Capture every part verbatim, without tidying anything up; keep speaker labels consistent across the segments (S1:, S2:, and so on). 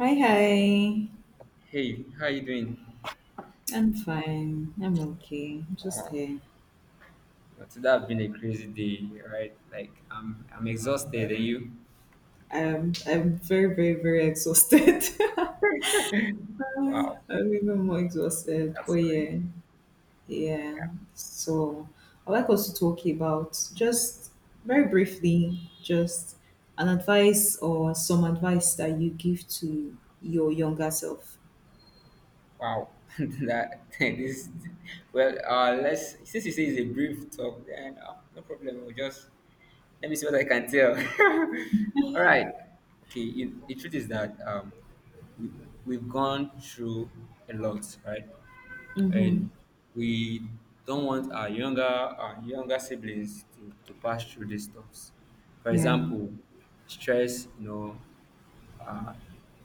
S1: Hi, hi.
S2: Hey, how you doing?
S1: I'm fine. I'm okay. I'm just
S2: Wow,
S1: here.
S2: well, today has been a crazy day, right? Like I'm I'm exhausted, and you?
S1: I'm I'm very, very, very exhausted.
S2: Wow,
S1: I'm even more exhausted. But
S2: that's nice.
S1: yeah, yeah.
S2: Yeah,
S1: So I'd like us to talk about just very briefly, just an advice or some advice that you give to your younger self.
S2: wow. that this well, uh, Let's, since you say it's a brief talk, then uh, no problem. We'll just Let me see what I can tell. All right. Okay. You, the truth is that um, we we've gone through a lot, right?
S1: Mm-hmm.
S2: And we don't want our younger our younger siblings to, to pass through these stuffs. For
S1: Yeah.
S2: example, stress, you know, uh,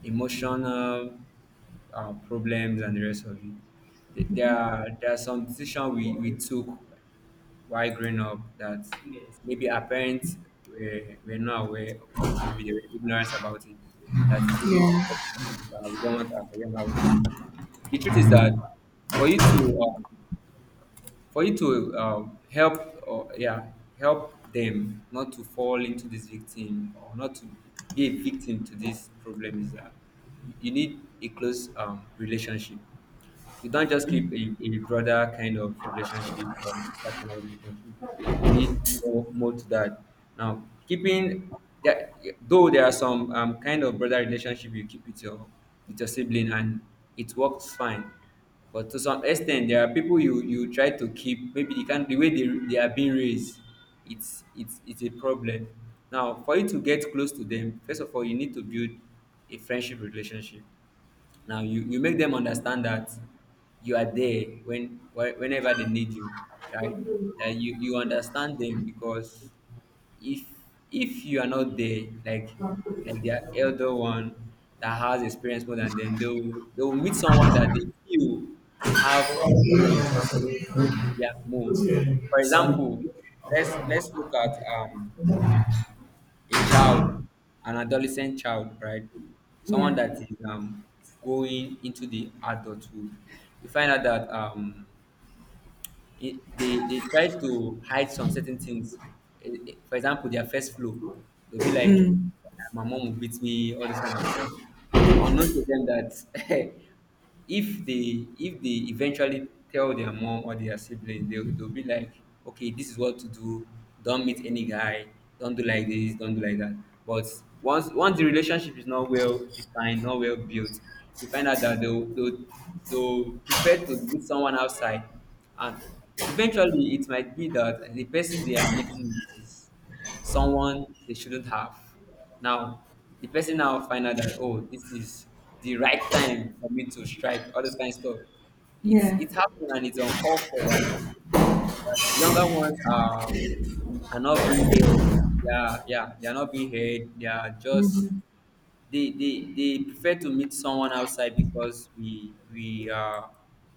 S2: emotional uh, problems and the rest of it. Th- There are, there are some decisions we, we took while growing up that, yes, maybe our parents were, were not aware, or maybe they were ignorant about it, that is really
S1: Yeah.
S2: affecting us, that we don't want our younger ones to. The truth is that for you to um, for you to um, help, or yeah help them not to fall into this victim, or not to be a victim to this problem, is that you you need a close um, relationship. You can't just keep a, a brother kind of relationship or sister kind of relationship. You need more, more to that. Now, keeping that, though there are some um, kind of brother relationship you keep with your with your sibling and it works fine. But to some extent, there are people you you try to keep. Maybe they can, the way they, they are being raised, it's it's it's a problem. Now, for you to get close to them, first of all, you need to build a friendship relationship. Now you, you make them understand that you are there when whe- whenever they need you, right? That you, you understand them, because if if you are not there, like like their elder one that has experience more than them, they will, they will meet someone that they feel have experience more, yeah, more. For
S1: Sunny.
S2: example, let's let's look at um a child, an adolescent child, right? Someone
S1: Yeah.
S2: that is um, going into the adulthood, you find out that um, it, they they try to hide some certain things. Eh, eh, For example, their first flow, they'll be like,
S1: Mm.
S2: "Ah, my mom will beat me," all this kind of stuff. Unknown to them that if they if they eventually tell their mom or their sibling, they'll, they'll be like, "Okay, this is what to do. Don't meet any guy. Don't do like this. Don't do like that." But once once the relationship is not well defined, not well built, you find out that they'll they'll, they'll prefer to meet someone outside, and eventually it might be that the person they are meeting is someone they shouldn't have. Now the person now find out that, oh, this is the right time for me to strike, all this kind of stuff. It's,
S1: Yeah.
S2: it happened, and it's uncalled for, that younger ones are are not being heard. Yeah, yeah, they are not being heard. They are just
S1: Mm-hmm.
S2: they they, they prefer to meet someone outside, because we we are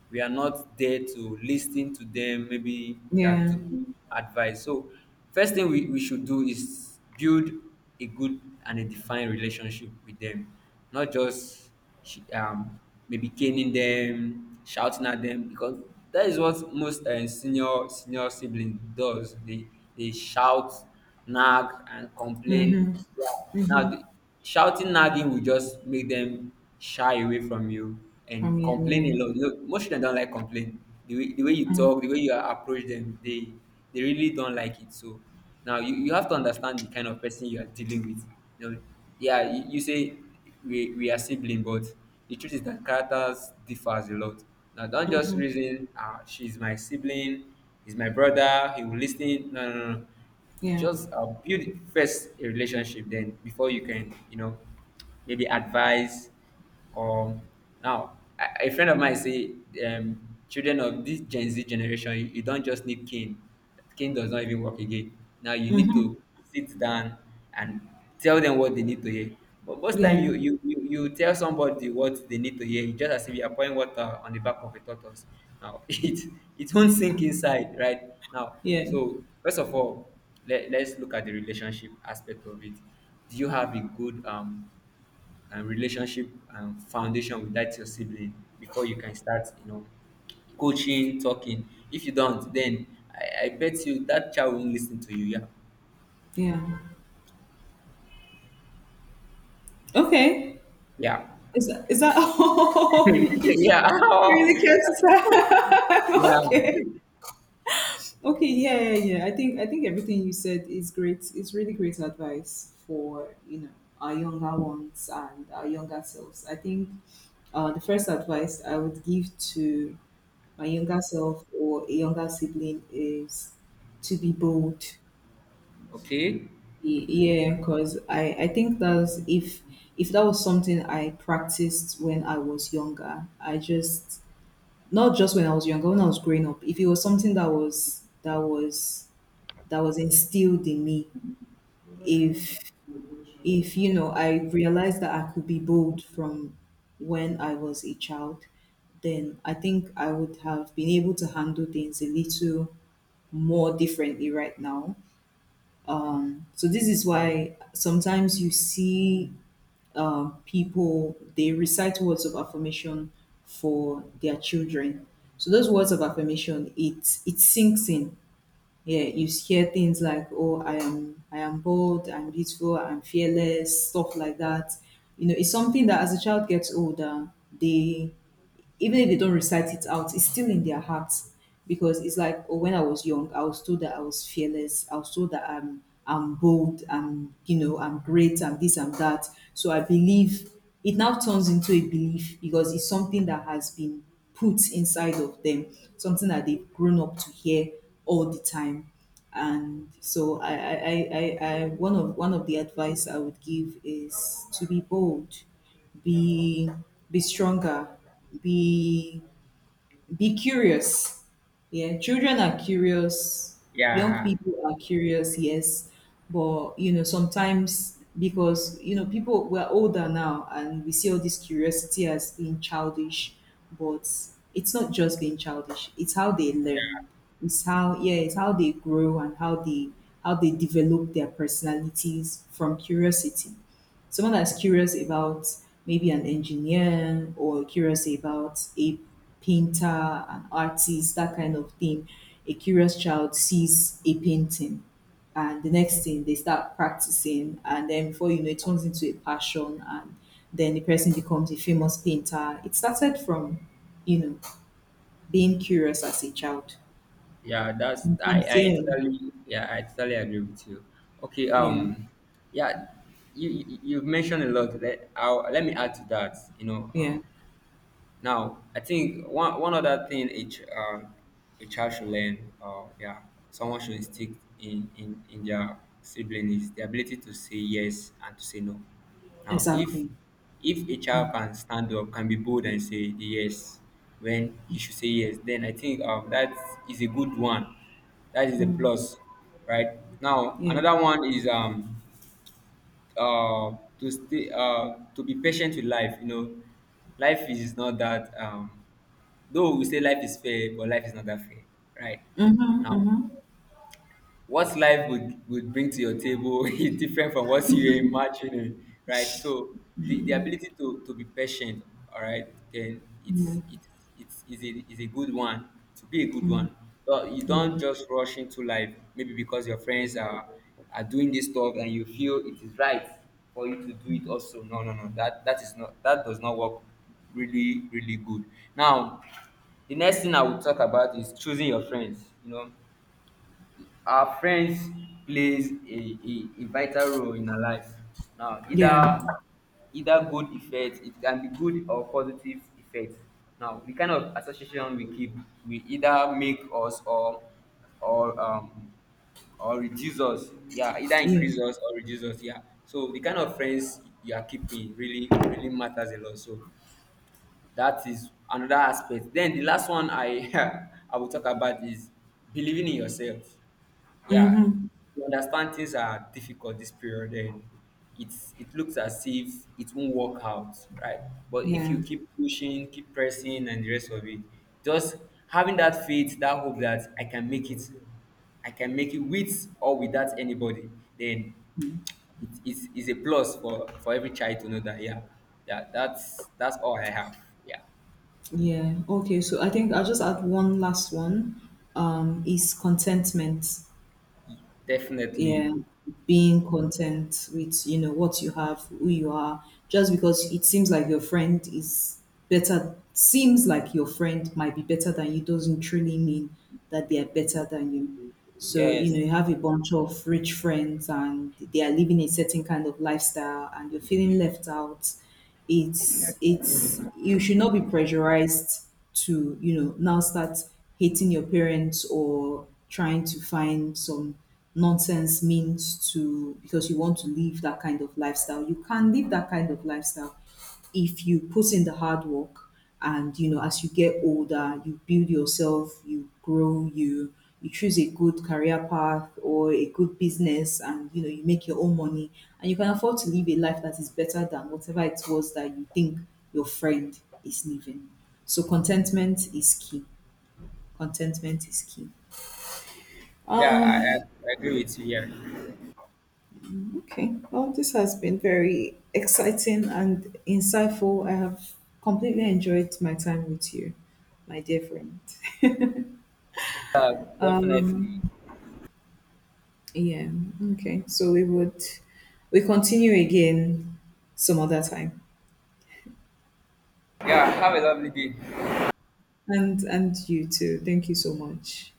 S2: we are not there to listen to them, maybe uh,
S1: Yeah.
S2: to give advice. So first thing we, we should do is build a good and a defined relationship with them, not just she um, maybe caning them, shouting at them, because that is what most uh, senior senior sibling does. They they shout, nag, and complain.
S1: Mm-hmm.
S2: Yeah.
S1: Mm-hmm.
S2: Now, the, shouting, nagging will just make them shy away from you
S1: From
S2: and
S1: you,
S2: complain a lot. You know, most children don't like complain. The way, the way you
S1: yeah. Mm,
S2: talk, the way you approach them, they they really don't like it. So now you, you have to understand the kind of person you are dealing with. You know, yeah, you, you say we we are sibling, but the truth is that characters differs a lot. Now, don't just
S1: mhm.
S2: reason, ah, she's my sibling, he's my brother, he will listen. No, no, no, no.
S1: Yeah.
S2: Just uh, build first a relationship, then before you can, you know, maybe advice. Or now a a friend of mine say, um children of this gen z generation, you, you don't just need cane. Cane does not even work again. Now you need
S1: Hmm.
S2: to sit down and tell them what they need to hear. But most time
S1: Yeah.
S2: you you you, you tell somebody what they need to hear, it's just as if you are pouring water on the back of a tortoise. Now, it it won't sink inside right now.
S1: Yeah.
S2: So first of all, let, let's look at the relationship aspect of it. Do you have a good um and relationship and foundation with that your sibling, before you can start, you know, coaching, talking? If you don't, then i, I bet you, that child won't listen to you. Yeah.
S1: Yeah. Okay.
S2: Yeah.
S1: Is that, is that all? You really
S2: Yeah.
S1: care
S2: Yeah.
S1: to okay. Okay. Yeah. Yeah. Yeah. I think I think everything you said is great. It's really great advice for you know our younger ones and our younger selves. I think uh, the first advice I would give to my younger self or a younger sibling is to be bold.
S2: Okay.
S1: Yeah, because I, I think that's if if that was something I practiced when I was younger, I just not just when I was younger, when I was growing up, if it was something that was that was that was instilled in me, if if you know, I realized that I could be bold from when I was a child, then I think I would have been able to handle things a little more differently right now. Um, so this is why sometimes you see um, people they recite words of affirmation for their children. So those words of affirmation, it it sinks in. Yeah, you hear things like, "Oh, I am I am bold, I'm beautiful, I'm fearless," stuff like that. You know, it's something that as a child gets older, they even if they don't recite it out, it's still in their hearts because it's like oh, when I was young, I was told that I was fearless. I was told that I'm I'm bold. I'm you know I'm great. I'm this. I'm that. So I believe it now turns into a belief because it's something that has been put inside of them, something that they've grown up to hear all the time. And so I I I, I, I one of one of the advice I would give is to be bold, be be stronger, be be curious. Yeah, children are curious, young
S2: Yeah.
S1: people are curious, yes, but you know, sometimes because you know, people we're older now and we see all this curiosity as being childish, but it's not just being childish, it's how they
S2: Yeah.
S1: learn. It's how yeah, it's how they grow and how they how they develop their personalities from curiosity. Someone that's curious about maybe an engineer or curious about a painter, an artist, that kind of thing. A curious child sees a painting and the next thing they start practicing and then before you know it turns into a passion and then the person becomes a famous painter. It started from, you know, being curious as a child.
S2: Yeah. That's i
S1: Sometimes,
S2: i
S1: yeah,
S2: totally, yeah, I totally agree with you. Okay.
S1: yeah,
S2: um yeah you- you- you've mentioned a lot. Let I'll, let me add to that, you know. um,
S1: yeah,
S2: Now, I think one one other thing a ch- uh, a child should learn, or, yeah, someone should instill in in in their sibling is the ability to say yes and to say no. Now, if
S1: exactly.
S2: if a child
S1: Mm,
S2: can stand up, can be bold and say the yes when he should say yes, then I think um, that is a good one. That is a
S1: mm,
S2: plus, right? Now,
S1: yeah.
S2: another one is um uh, to stay, uh, to be patient with life. You know, life is not that um, though we say life is fair, but life is not that fair, right?
S1: Mm-hmm,
S2: Now,
S1: mm-hmm.
S2: what life would, would bring to your table is different from what you're imagining, right? So the, the ability to, to be patient, all right, then it's it's it's is a is a good one, to be a good one. So you don't just rush into life, maybe because your friends are are doing this stuff and you feel it is right for you to do it also. No, no, no. That that is not, that does not work really, really good. Now, the next thing I will talk about is choosing your friends. You know, our friends plays a, a, a vital role in our lives. Now,
S1: Yeah,
S2: either either good effect, it can be good or positive effect. Now, the kind of association we keep will either make us or or um or reduce us. Yeah, either
S1: yeah.
S2: increase us or reduce us. Yeah. So the kind of friends you are keeping really really matters a lot. So that is another aspect. Then the last one I I will talk about is believing in yourself. Yeah,
S1: Mm-hmm.
S2: you understand things are difficult this period, and it's it looks as if it won't work out, right? But if you
S1: Yeah.
S2: keep pushing, keep pressing, and the rest of it, just having that faith, that hope that I can make it, I can make it with or without anybody, then
S1: Mm.
S2: it is is a plus for for every child to know that, yeah, yeah, that's that's all I have. Yeah,
S1: Yeah. Okay. So I think I'll just add one last one. Um, is contentment.
S2: definitely.
S1: Yeah. Being content with, you know, what you have, who you are, just because it seems like your friend is better, seems like your friend might be better than you doesn't truly mean that they are better than you. So, you
S2: Yes.
S1: know, you have a bunch of rich friends and they are living a certain kind of lifestyle and you're feeling left out. It's it's you should not be pressurized to, you know, now start hating your parents or trying to find some nonsense means to because you want to live that kind of lifestyle. You can live that kind of lifestyle if you put in the hard work and you know as you get older you build yourself you grow you you choose a good career path or a good business and you know you make your own money and you can afford to live a life that is better than whatever it was that you think your friend is living. So contentment is key, contentment is key.
S2: Yeah, I,
S1: um
S2: I I agree with you. Yeah.
S1: Okay. Well, this has been very exciting and insightful. I have completely enjoyed my time with you, my dear friend.
S2: Yeah, definitely.
S1: Yeah. Okay. So we would we continue again some other time.
S2: Yeah, have a lovely day.
S1: And and you too. Thank you so much.